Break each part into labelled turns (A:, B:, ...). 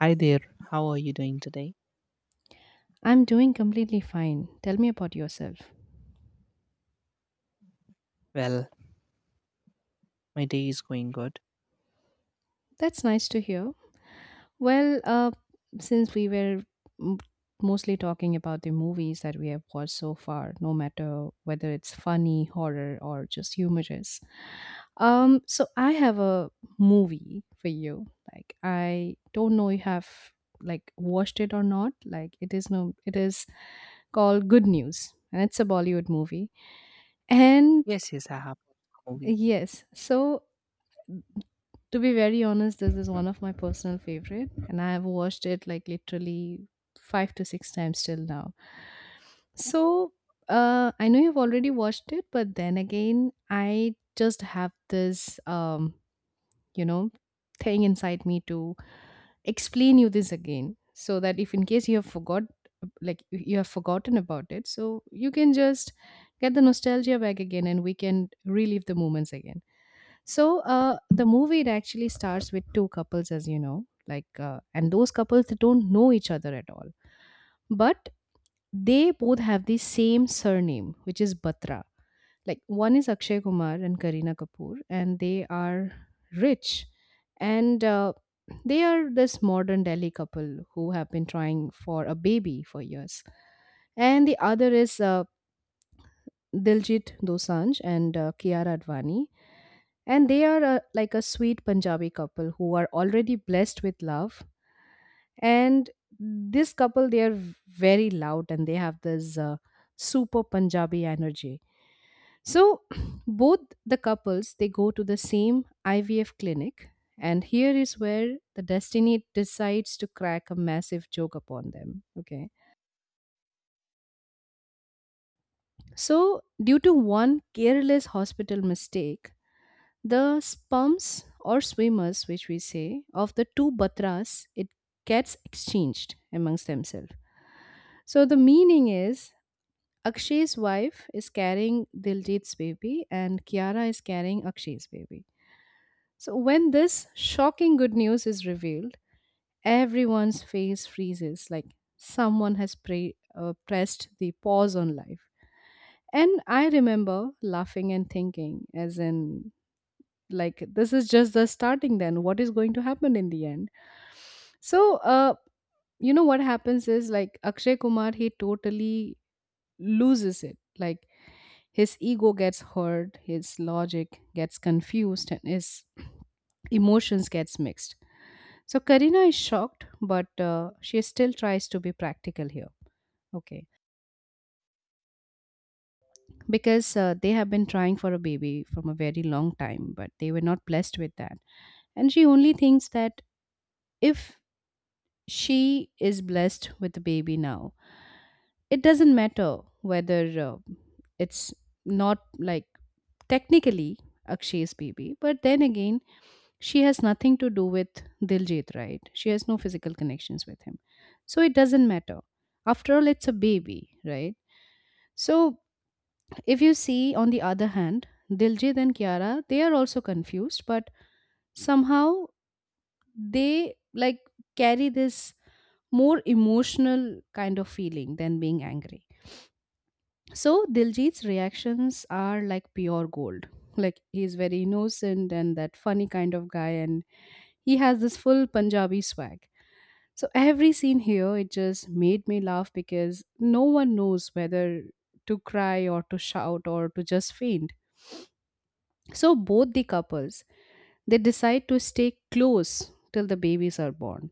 A: Hi there, how are you doing today?
B: I'm doing completely fine. Tell me about yourself.
A: Well, my day is going good.
B: That's nice to hear. Well, since we were m- mostly talking about the movies that we have watched so far, no matter whether it's funny, horror, or just humorous, so I have a movie for you. Like I don't know you have like watched it or not. Like it is no, it is called Good News, and it's a Bollywood movie. And
A: Yes, yes, I have watched a movie.
B: yes, so to be very honest, this is one of my personal favorite, and I have watched it like literally five to six times till now. So I know you've already watched it, but then again, I just have this, you know, thing inside me to explain you this again, so that if in case you have forgot, like you have forgotten about it, so you can just get the nostalgia back again, and we can relive the moments again. So the movie it actually starts with two couples, as you know, like and those couples they don't know each other at all, but they both have the same surname, which is Batra. Like one is Akshay Kumar and Kareena Kapoor, and they are rich, and they are this modern Delhi couple who have been trying for a baby for years, and the other is Diljit Dosanjh and Kiara Advani, and they are like a sweet Punjabi couple who are already blessed with love. And this couple, they are very loud and they have this super Punjabi energy. So both the couples, they go to the same IVF clinic. And here is where the destiny decides to crack a massive joke upon them. Okay. So, due to one careless hospital mistake, the sperms or swimmers which we say of the two batras, it gets exchanged amongst themselves. So the meaning is Akshay's wife is carrying Diljit's baby and Kiara is carrying Akshay's baby. So when this shocking good news is revealed, everyone's face freezes like someone has pressed the pause on life. And I remember laughing and thinking, as in, like this is just the starting, then what is going to happen in the end. So you know what happens is like Akshay Kumar, he totally loses it. Like his ego gets hurt, his logic gets confused, and his emotions gets mixed. So Karina is shocked, but she still tries to be practical here. Okay, because they have been trying for a baby from a very long time, but they were not blessed with that. And she only thinks that if she is blessed with a baby now, it doesn't matter whether uh, it's not like technically Akshay's baby, but then again, she has nothing to do with Diljit, right? She has no physical connections with him. So it doesn't matter. After all, it's a baby, right? So if you see, on the other hand, Diljit and Kiara, they are also confused, but somehow they like carry this more emotional kind of feeling than being angry. So Diljit's reactions are like pure gold. Like he's very innocent and that funny kind of guy, and he has this full Punjabi swag. So every scene here, it just made me laugh because no one knows whether to cry or to shout or to just faint. So both the couples, they decide to stay close till the babies are born.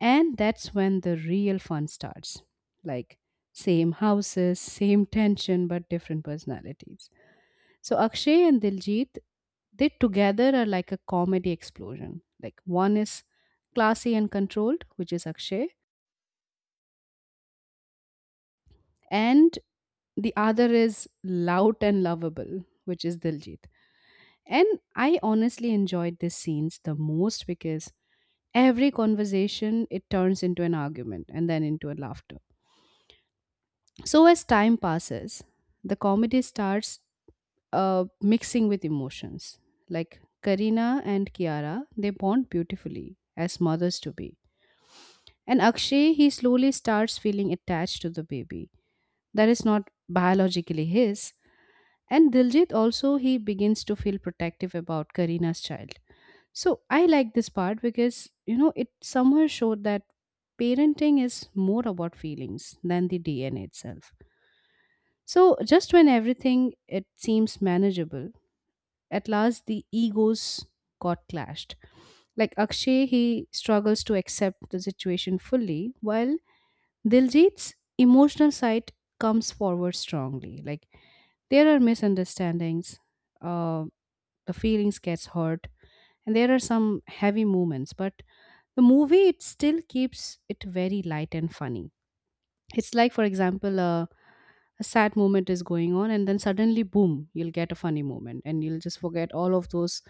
B: And that's when the real fun starts. Like same houses, same tension, but different personalities. So Akshay and Diljit, they together are like a comedy explosion. Like one is classy and controlled, which is Akshay, and the other is loud and lovable, which is Diljit. And I honestly enjoyed these scenes the most because every conversation it turns into an argument and then into a laughter. So, as time passes, the comedy starts mixing with emotions. Like Karina and Kiara, they bond beautifully as mothers to be. And Akshay, he slowly starts feeling attached to the baby that is not biologically his. And Diljit also, he begins to feel protective about Karina's child. So, I like this part because, you know, it somehow showed that parenting is more about feelings than the DNA itself. So, just when everything it seems manageable, at last the egos got clashed. Like Akshay, he struggles to accept the situation fully, while Diljit's emotional side comes forward strongly. Like there are misunderstandings, uh, the feelings gets hurt, and there are some heavy moments. But the movie it still keeps it very light and funny. It's like, for example, a sad moment is going on, and then suddenly, boom, you'll get a funny moment, and you'll just forget all of those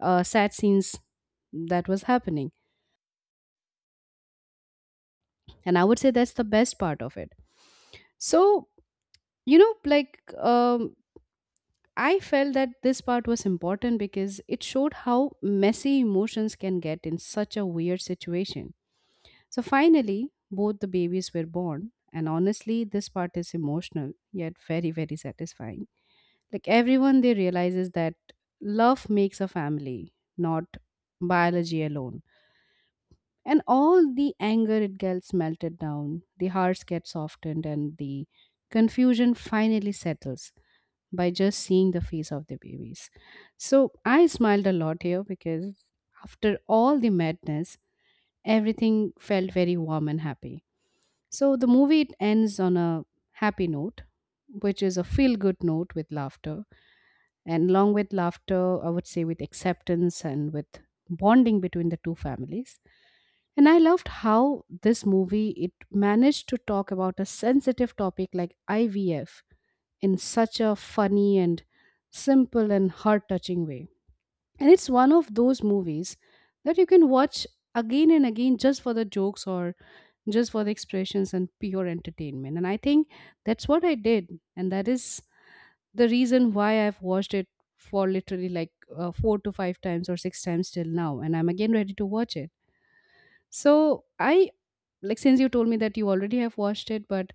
B: sad scenes that was happening. And I would say that's the best part of it. So, you know, like, I felt that this part was important because it showed how messy emotions can get in such a weird situation. So, finally, both the babies were born. And honestly, this part is emotional, yet very, very satisfying. Like everyone, they realizes that love makes a family, not biology alone. And all the anger, it gets melted down, the hearts get softened, and the confusion finally settles by just seeing the face of the babies. So I smiled a lot here because after all the madness, everything felt very warm and happy. So the movie it ends on a happy note, which is a feel good note with laughter. And along with laughter, I would say with acceptance and with bonding between the two families. And I loved how this movie it managed to talk about a sensitive topic like IVF in such a funny and simple and heart touching way. And it's one of those movies that you can watch again and again just for the jokes or just for the expressions and pure entertainment. And I think that's what I did. And that is the reason why I've watched it for literally like four to five times or six times till now, and I'm again ready to watch it. So I like since you told me that you already have watched it, but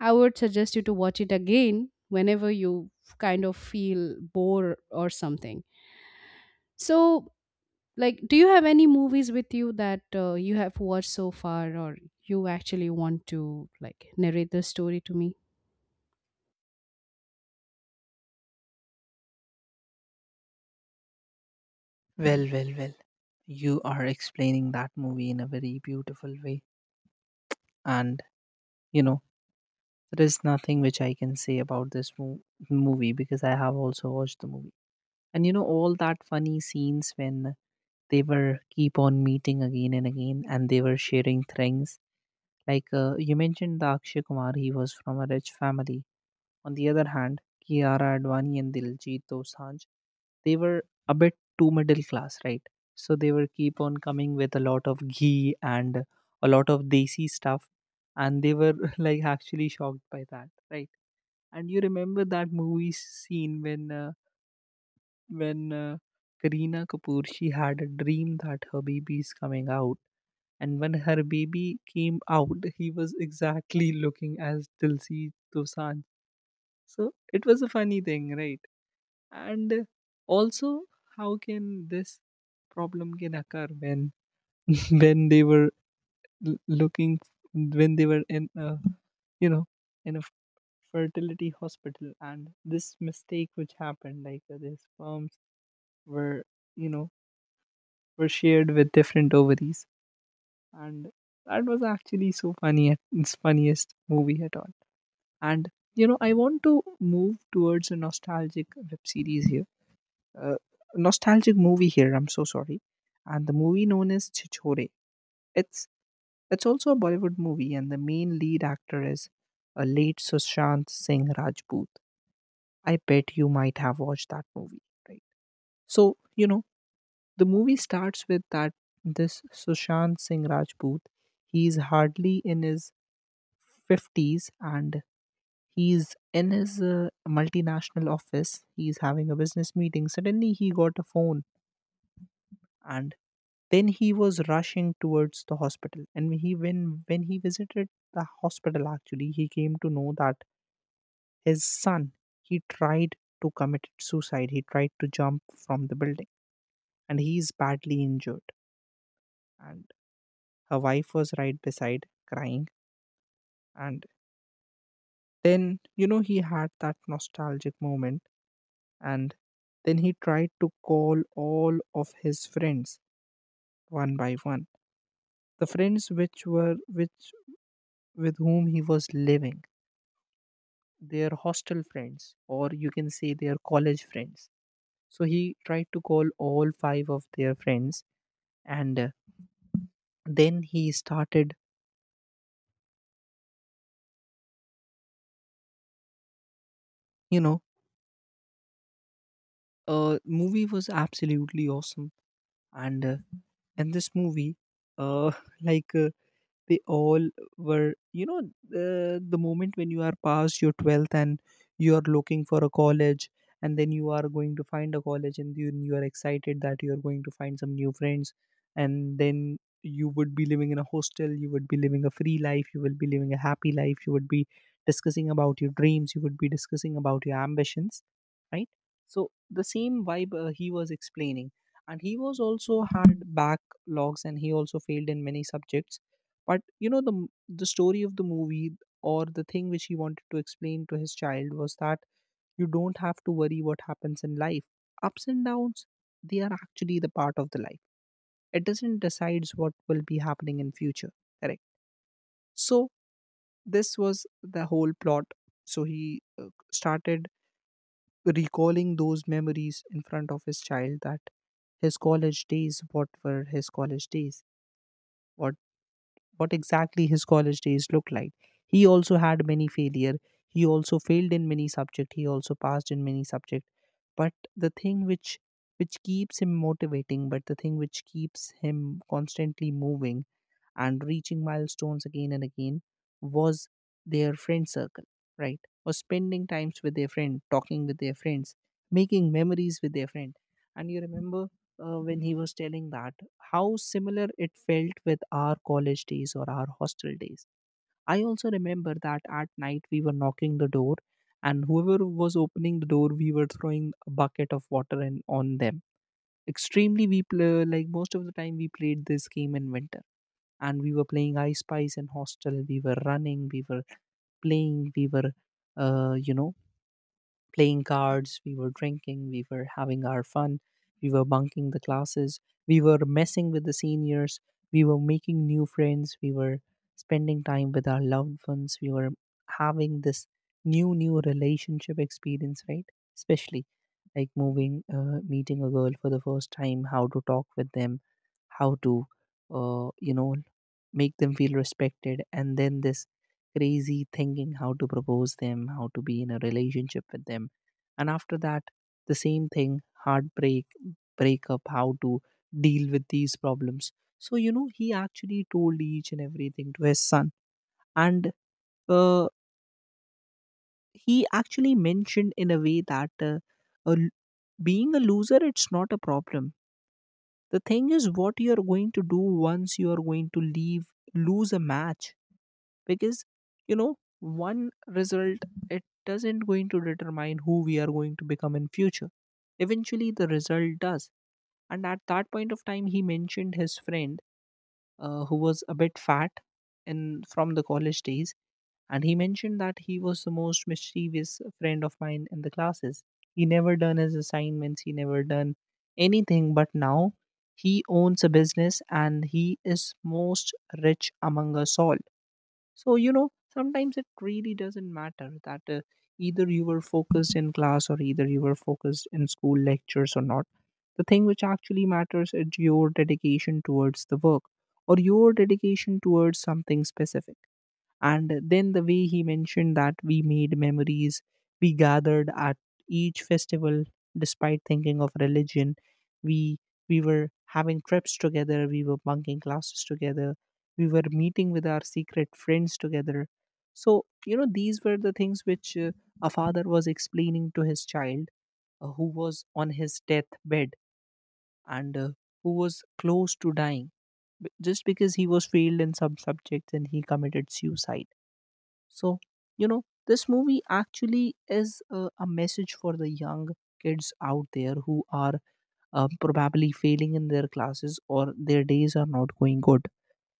B: I would suggest you to watch it again whenever you kind of feel bored or something. So like, do you have any movies with you that you have watched so far, or you actually want to like narrate the story to me?
A: Well, well, well. You are explaining that movie in a very beautiful way. And, you know, there is nothing which I can say about this movie because I have also watched the movie. And, you know, all that funny scenes when they were keep on meeting again and again and they were sharing things. Like you mentioned, the Akshay Kumar, he was from a rich family. On the other hand, Kiara Advani and Diljit Dosanjh, they were a bit too middle class, right? So they were keep on coming with a lot of ghee and a lot of desi stuff, and they were like actually shocked by that, right? And you remember that movie scene when when uh, Kareena Kapoor she had a dream that her baby is coming out, and when her baby came out, he was exactly looking as Diljit Dosanjh. So it was a funny thing, right? And also, how can this problem can occur when when they were l- looking when they were in a, you know, in a fertility hospital, and this mistake which happened, like the sperms were, you know, were shared with different ovaries. And that was actually so funny it's funniest movie at all. And you know, I want to move towards a uh, nostalgic movie here. I'm so sorry, and the movie known as Chichore. It's it's also a Bollywood movie, and the main lead actor is a late Sushant Singh Rajput. I bet you might have watched that movie, right? So you know, the movie starts with that this Sushant Singh Rajput. He's hardly in his fifties, and he's in his multinational office. He's having a business meeting. Suddenly, he got a phone, and then he was rushing towards the hospital, and when he visited the hospital, actually he came to know that his son he tried to commit suicide, he tried to jump from the building, and he is badly injured. And her wife was right beside crying. And then you know, he had that nostalgic moment, and then he tried to call all of his friends one by one, the friends which were which with whom he was living, their hostel friends, or you can say their college friends. So he tried to call all five of their friends, and then he started. You know, movie was absolutely awesome, and in this movie, uh, like uh, they all were, you know, the moment when you are past your 12th and you are looking for a college, and then you are going to find a college, and then you are excited that you are going to find some new friends, and then you would be living in a hostel, you would be living a free life, you will be living a happy life, you would be discussing about your dreams, you would be discussing about your ambitions, right? So the same vibe he was explaining. And he was also had backlogs and he also failed in many subjects. But you know, the story of the movie, or the thing which he wanted to explain to his child, was that you don't have to worry what happens in life. Ups and downs, they are actually the part of the life. It doesn't decides what will be happening in future. Correct. So this was the whole plot. So he started recalling those memories in front of his child, that his college days, what were his college days, what what exactly his college days looked like. He also had many failure. He also failed in many subject. He also passed in many subject. But the thing which keeps him motivating, but the thing which keeps him constantly moving and reaching milestones again and again, was their friend circle, right? Or spending times with their friend, talking with their friends, making memories with their friend. And you remember when he was telling that how similar it felt with our college days or our hostel days. I also remember that at night we were knocking the door, and whoever was opening the door, we were throwing a bucket of water and on them. Extremely, we play like most of the time we played this game in winter, and we were playing I spies in hostel, we were running, we were playing, we were, you know, playing cards, we were drinking, we were having our fun, we were bunking the classes, we were messing with the seniors, we were making new friends, we were spending time with our loved ones, we were having this new new relationship experience, right? Especially like moving meeting a girl for the first time, how to talk with them, how to, you know, make them feel respected, and then this crazy thinking, how to propose them, how to be in a relationship with them. And after that, the same thing, heartbreak, breakup, how to deal with these problems. So you know, he actually told each and everything to his son. And uh, he actually mentioned in a way that a l- being a loser it's not a problem. The thing is, what you are going to do once you are going to leave, lose a match, because you know, one result, it doesn't going to determine who we are going to become in future. Eventually, the result does. And at that point of time, he mentioned his friend who was a bit fat in from the college days. And he mentioned that he was the most mischievous friend of mine in the classes. He never done his assignments, he never done anything, but now he owns a business and he is most rich among us all. So, you know, sometimes it really doesn't matter that either you were focused in class or either you were focused in school lectures or not. The thing which actually matters is your dedication towards the work, or your dedication towards something specific. And then the way he mentioned that we made memories, we gathered at each festival despite thinking of religion. We we were having trips together, we were bunking classes together, we were meeting with our secret friends together. So, you know, these were the things which a father was explaining to his child who was on his deathbed, and who was close to dying just because he was failed in some subjects and he committed suicide. So, you know, this movie actually is a message for the young kids out there who are probably failing in their classes or their days are not going good.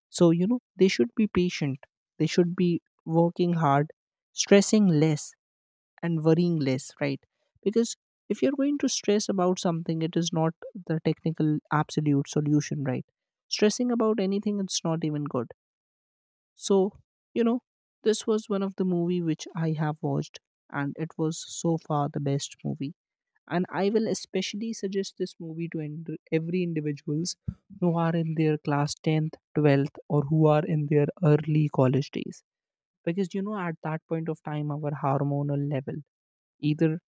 A: So, you know, they should be patient, they should be working hard, stressing less, and worrying less, right? Because if you're going to stress about something, it is not the technical absolute solution, right? Stressing about anything, it's not even good. So, you know, this was one of the movie which I have watched, and it was so far the best movie. And I will especially suggest this movie to every individuals who are in their class 10th, 12th, or who are in their early college days. Because you know, at that point of time, our hormonal level, either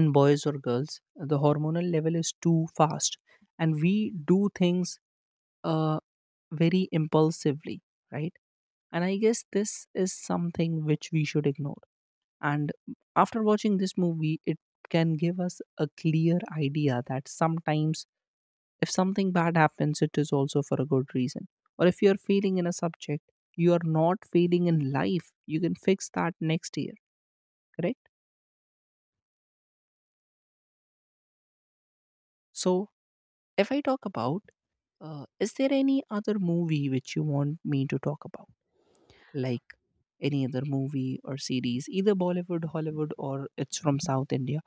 A: in boys or girls, the hormonal level is too fast, and we do things uh, very impulsively, right? And I guess this is something which we should ignore. And after watching this movie, it can give us a clear idea that sometimes if something bad happens, it is also for a good reason. Or if you're failing in a subject, you are not failing in life. You can fix that next year, correct? So, if I talk about, is there any other movie which you want me to talk about? Like any other movie or series, either Bollywood, Hollywood, or it's from South India?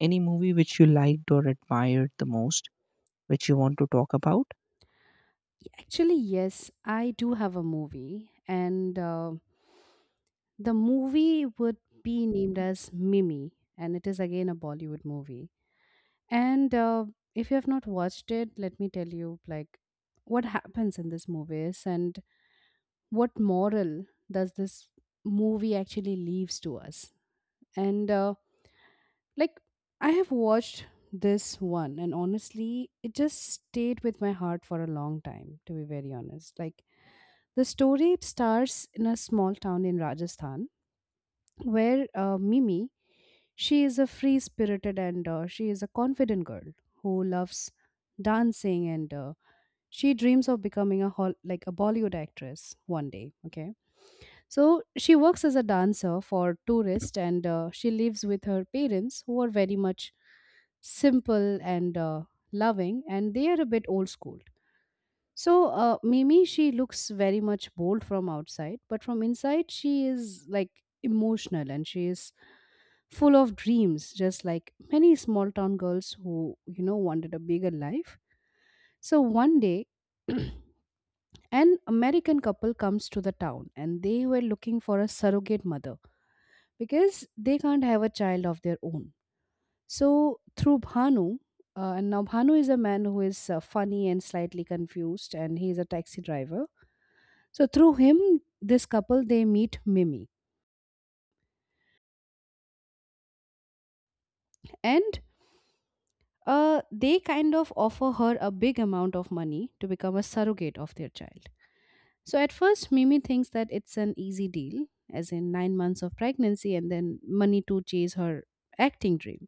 A: Any movie which you liked or admired the most, which you want to talk about?
B: Actually, yes, I do have a movie, and the movie would be named as Mimi, and it is again a Bollywood movie. And if you have not watched it, let me tell you like what happens in this movie is and what moral does this movie actually leaves to us. And like I have watched this one, and honestly, it just stayed with my heart for a long time. To be very honest, like the story it stars in a small town in Rajasthan where Mimi, she is a free spirited and she is a confident girl who loves dancing and she dreams of becoming a like a Bollywood actress one day. Okay, so she works as a dancer for tourists and she lives with her parents who are very much simple and loving and they are a bit old school. So Mimi, she looks very much bold from outside, but from inside she is like emotional and she is full of dreams, just like many small town girls who, you know, wanted a bigger life. So one day, an American couple comes to the town and they were looking for a surrogate mother because they can't have a child of their own. So through Bhanu, and now Bhanu is a man who is funny and slightly confused, and he is a taxi driver. So through him, this couple they meet Mimi, and they kind of offer her a big amount of money to become a surrogate of their child. So at first, Mimi thinks that it's an easy deal, as in 9 months of pregnancy and then money to chase her acting dream.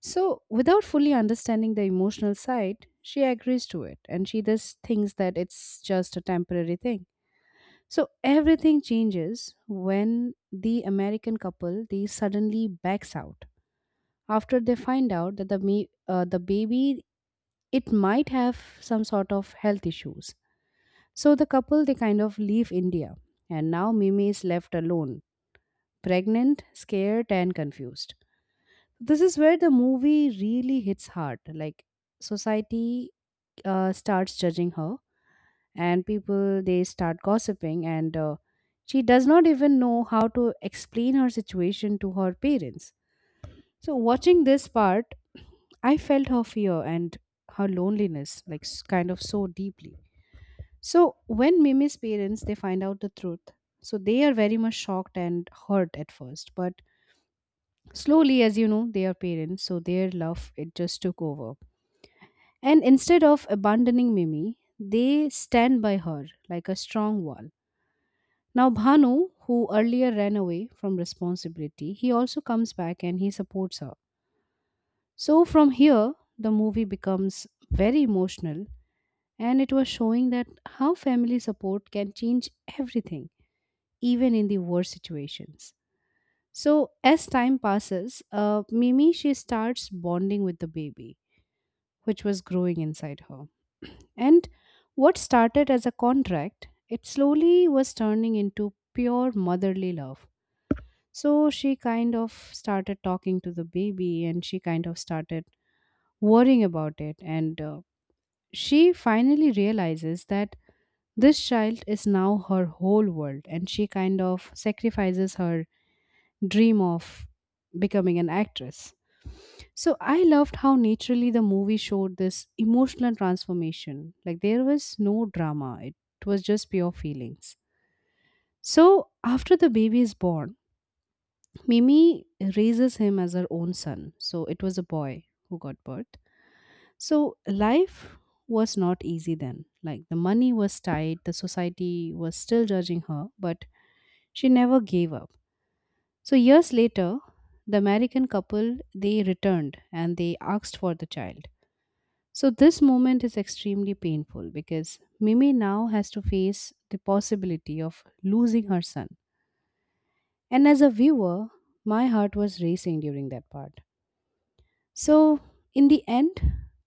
B: So without fully understanding the emotional side, she agrees to it and she just thinks that it's just a temporary thing. So everything changes when the American couple they suddenly backs out after they find out that the baby it might have some sort of health issues. So the couple they kind of leave India and now Mimi is left alone, pregnant, scared and confused. This is where the movie really hits hard. Like society starts judging her and people they start gossiping and she does not even know how to explain her situation to her parents. So watching this part, I felt her fear and her loneliness like kind of so deeply. So when Mimi's parents they find out the truth, so they are very much shocked and hurt at first, but slowly, as you know, they are parents, so their love it just took over. And instead of abandoning Mimi, they stand by her like a strong wall. Now Bhanu, who earlier ran away from responsibility, he also comes back and he supports her. So from here, the movie becomes very emotional and it was showing that how family support can change everything even in the worst situations. So, as time passes, Mimi she starts bonding with the baby, which was growing inside her. And what started as a contract, it slowly was turning into pure motherly love. So, she kind of started talking to the baby and she kind of started worrying about it. And she finally realizes that this child is now her whole world and she kind of sacrifices her dream of becoming an actress. So I loved how naturally the movie showed this emotional transformation. Like there was no drama, it was just pure feelings. So after the baby is born, Mimi raises him as her own son. So it was a boy who got birth. So life was not easy then. Like the money was tight, the society was still judging her, but she never gave up. So years later, the American couple they returned and they asked for the child. So this moment is extremely painful because Mimi now has to face the possibility of losing her son. And as a viewer, my heart was racing during that part. So in the end,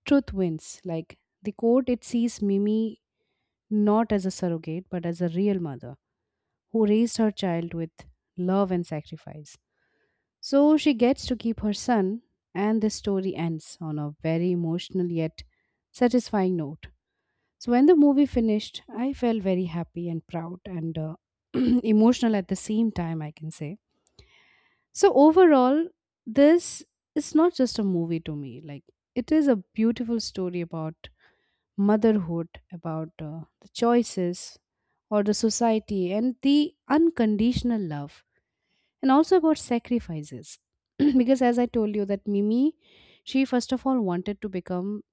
B: truth wins. Like the court it sees Mimi not as a surrogate but as a real mother who raised her child with love and sacrifice. So she gets to keep her son, and the story ends on a very emotional yet satisfying note. So when the movie finished, I felt very happy and proud and emotional at the same time, I can say. So overall, this is not just a movie to me. Like it is a beautiful story about motherhood, about the choices or the society and the unconditional love and also about sacrifices because as I told you that mimi she first of all wanted to become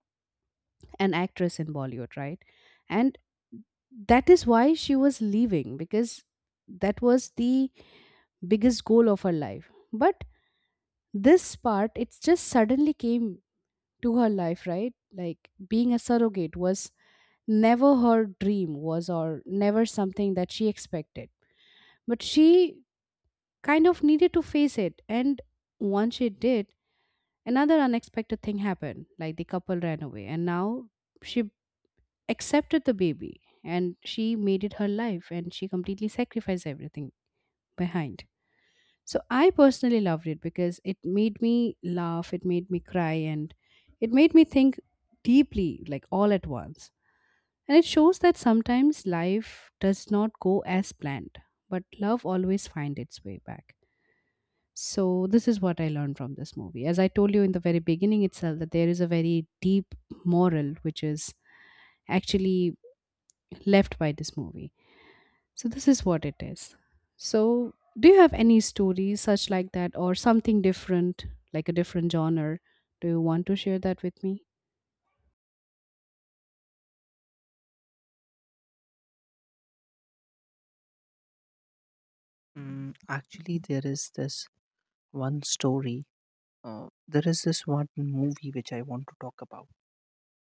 B: an actress in Bollywood, right? And that is why she was leaving because that was the biggest goal of her life, but this part it just suddenly came to her life, right? Like being a surrogate was never her dream was or never something that she expected, but she kind of needed to face it. And once she did, another unexpected thing happened. Like the couple ran away, and now she accepted the baby and she made it her life and she completely sacrificed everything behind. So I personally loved it because it made me laugh, it made me cry, and it made me think deeply, like all at once. And it shows that sometimes life does not go as planned, but love always finds its way back. So this is what I learned from this movie. As I told you in the very beginning itself that there is a very deep moral which is actually left by this movie. So this is what it is. So do you have any stories such like that or something different, like a different genre? Do you want to share that with me?
A: Mm, actually, there is this one story. There is this one movie which I want to talk about.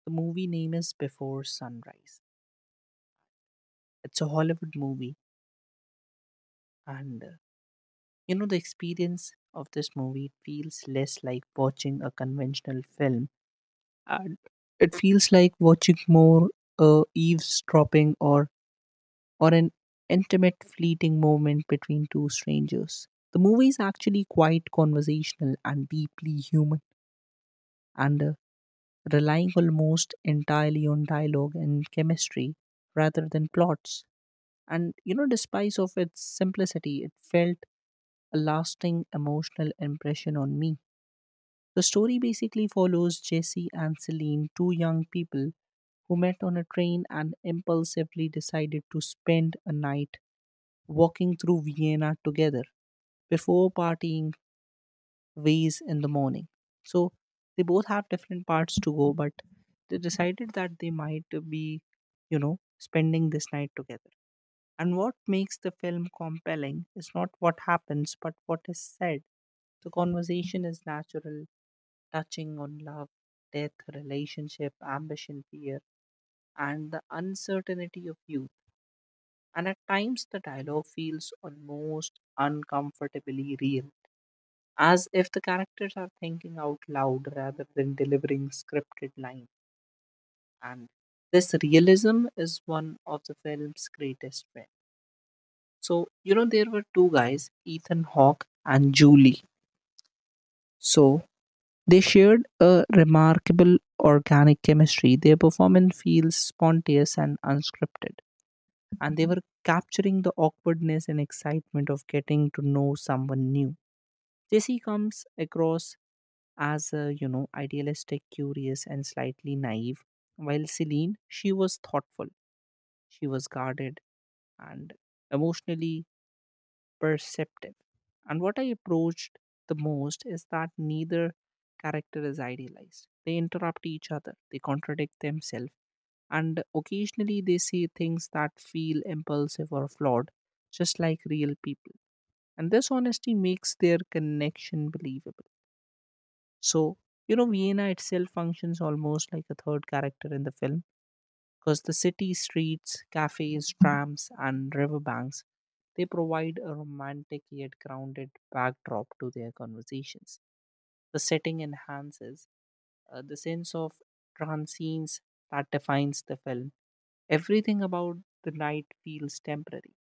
A: The movie name is Before Sunrise. It's a Hollywood movie, and you know, the experience of this movie feels less like watching a conventional film, and it feels like watching more, eavesdropping, or an intimate fleeting moment between two strangers. The movie is actually quite conversational and deeply human, and relying almost entirely on dialogue and chemistry rather than plots. And you know, despite of its simplicity, it felt a lasting emotional impression on me. The story basically follows Jesse and Celine, two young people who met on a train and impulsively decided to spend a night walking through Vienna together before partying ways in the morning. So they both have different parts to go, but they decided that they might be, spending this night together. And what makes the film compelling is not what happens, but what is said. The conversation is natural, touching on love, death, relationship, ambition, fear, and the uncertainty of youth. And at times the dialogue feels almost uncomfortably real, as if the characters are thinking out loud rather than delivering scripted lines. And this realism is one of the film's greatest strengths. So, there were two guys, Ethan Hawke and Julie. So, they shared a remarkable organic chemistry. Their performance feels spontaneous and unscripted, and they were capturing the awkwardness and excitement of getting to know someone new. Jesse comes across as a, idealistic, curious, and slightly naive, while Celine, she was thoughtful, she was guarded, and emotionally perceptive. And what I approached the most is that neither character is idealized. They interrupt each other, they contradict themselves, and occasionally they say things that feel impulsive or flawed, just like real people. And this honesty makes their connection believable. So, Vienna itself functions almost like a third character in the film because the city streets, cafes, trams, and riverbanks they provide a romantic yet grounded backdrop to their conversations. The setting enhances the sense of transience that defines the film. Everything about the night feels temporary.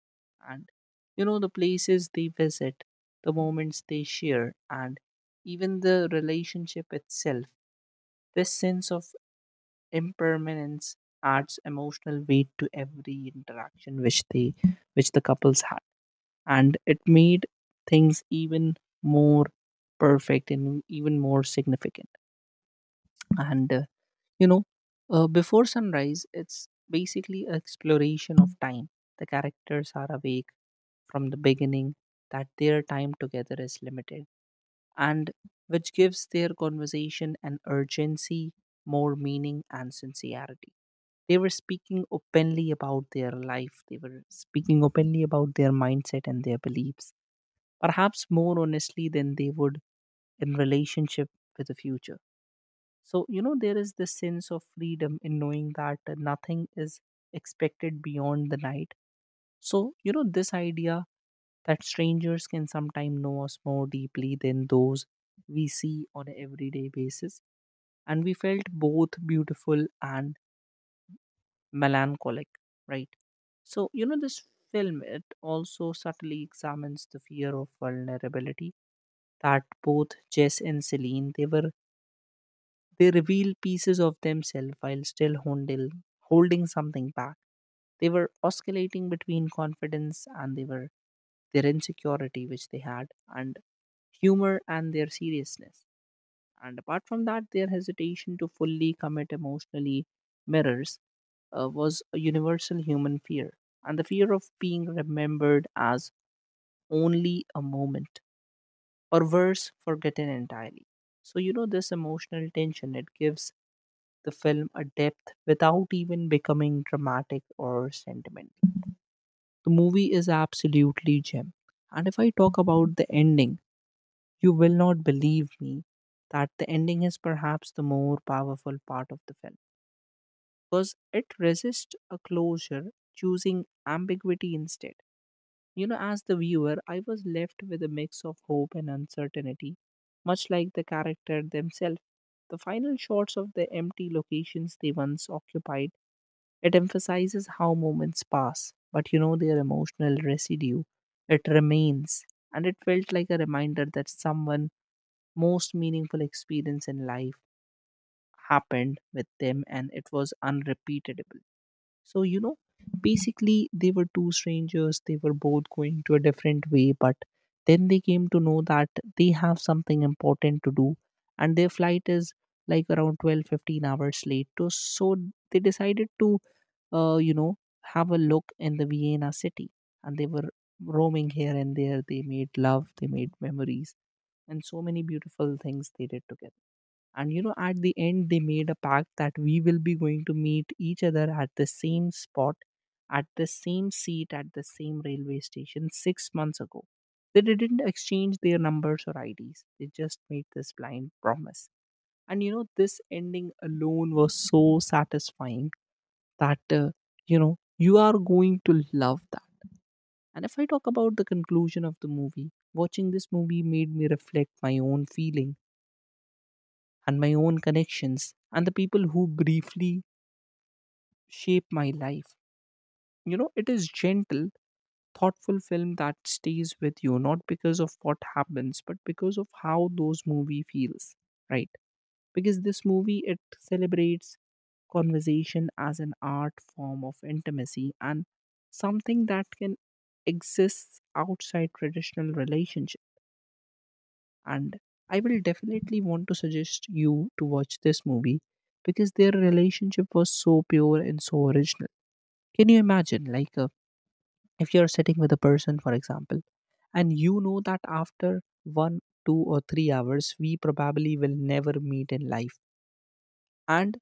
A: And, the places they visit, the moments they share, and even the relationship itself, this sense of impermanence adds emotional weight to every interaction which the couples had. And it made things even more perfect and even more significant. And uh, you know, Before sunrise, it's basically exploration of time. The characters are awake from the beginning that their time together is limited and which gives their conversation an urgency, more meaning, and sincerity. They were speaking openly about their life, they were speaking openly about their mindset and their beliefs, perhaps more honestly than they would in relationship with the future. So there is this sense of freedom in knowing that nothing is expected beyond the night. So this idea that strangers can sometimes know us more deeply than those we see on an everyday basis, and we felt both beautiful and melancholic, right? So, this film, it also subtly examines the fear of vulnerability that both Jess and Celine, they reveal pieces of themselves while still holding something back. They were oscillating between confidence and they were their insecurity which they had, and humor and their seriousness. And apart from that, their hesitation to fully commit emotionally mirrors was a universal human fear, and the fear of being remembered as only a moment, or worse, forgotten entirely. So, this emotional tension, it gives the film a depth without even becoming dramatic or sentimental. The movie is absolutely gem. And if I talk about the ending, you will not believe me that the ending is perhaps the more powerful part of the film because it resists a closure, choosing ambiguity instead. As the viewer, I was left with a mix of hope and uncertainty, much like the character themselves. The final shots of the empty locations they once occupied, it emphasizes how moments pass, but their emotional residue, it remains, and it felt like a reminder that someone most meaningful experience in life happened with them and it was unrepeatable. So, basically they were two strangers. They were both going to a different way, but then they came to know that they have something important to do and their flight is like around 12-15 hours late. So they decided to, uh, you know, have a look in the Vienna city, and they were roaming here and there. They made love, they made memories, and so many beautiful things they did together. And at the end, they made a pact that we will be going to meet each other at the same spot, at the same seat, at the same railway station 6 months ago. They didn't exchange their numbers or IDs, they just made this blind promise. And this ending alone was so satisfying that you are going to love that. And if I talk about the conclusion of the movie, watching this movie made me reflect my own feeling and my own connections and the people who briefly shape my life. You know, it is gentle, thoughtful film that stays with you not because of what happens but because of how those movie feels, right? Because this movie it celebrates conversation as an art form of intimacy and something that can exist outside traditional relationships, and I will definitely want to suggest you to watch this movie because their relationship was so pure and so original. Can you imagine, like, if you're sitting with a person, for example, and you know that after 1, 2 or 3 hours, we probably will never meet in life. And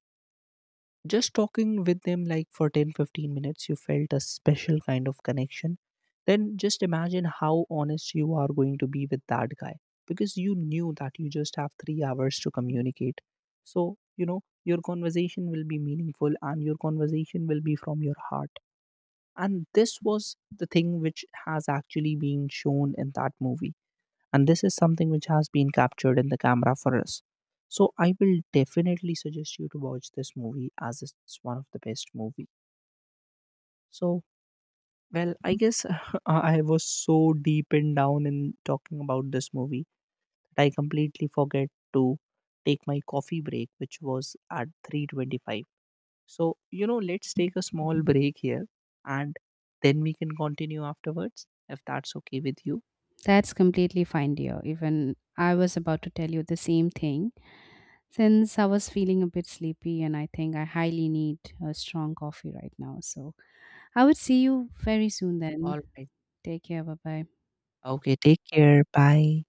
A: just talking with them like for 10, 15 minutes, you felt a special kind of connection. Then just imagine how honest you are going to be with that guy because you knew that you just have 3 hours to communicate. So, your conversation will be meaningful and your conversation will be from your heart. And this was the thing which has actually been shown in that movie, and this is something which has been captured in the camera for us. So I will definitely suggest you to watch this movie, as it's one of the best movie. So, well, I guess I was so deep and down in talking about this movie that I completely forget to take my coffee break which was at 3:25. So let's take a small break here and then we can continue afterwards, if that's okay with you.
B: That's completely fine, dear. Even I was about to tell you the same thing since I was feeling a bit sleepy and I think I highly need a strong coffee right now. So I would see you very soon then.
A: All right.
B: Take care. Bye bye.
A: Okay, take care. Bye.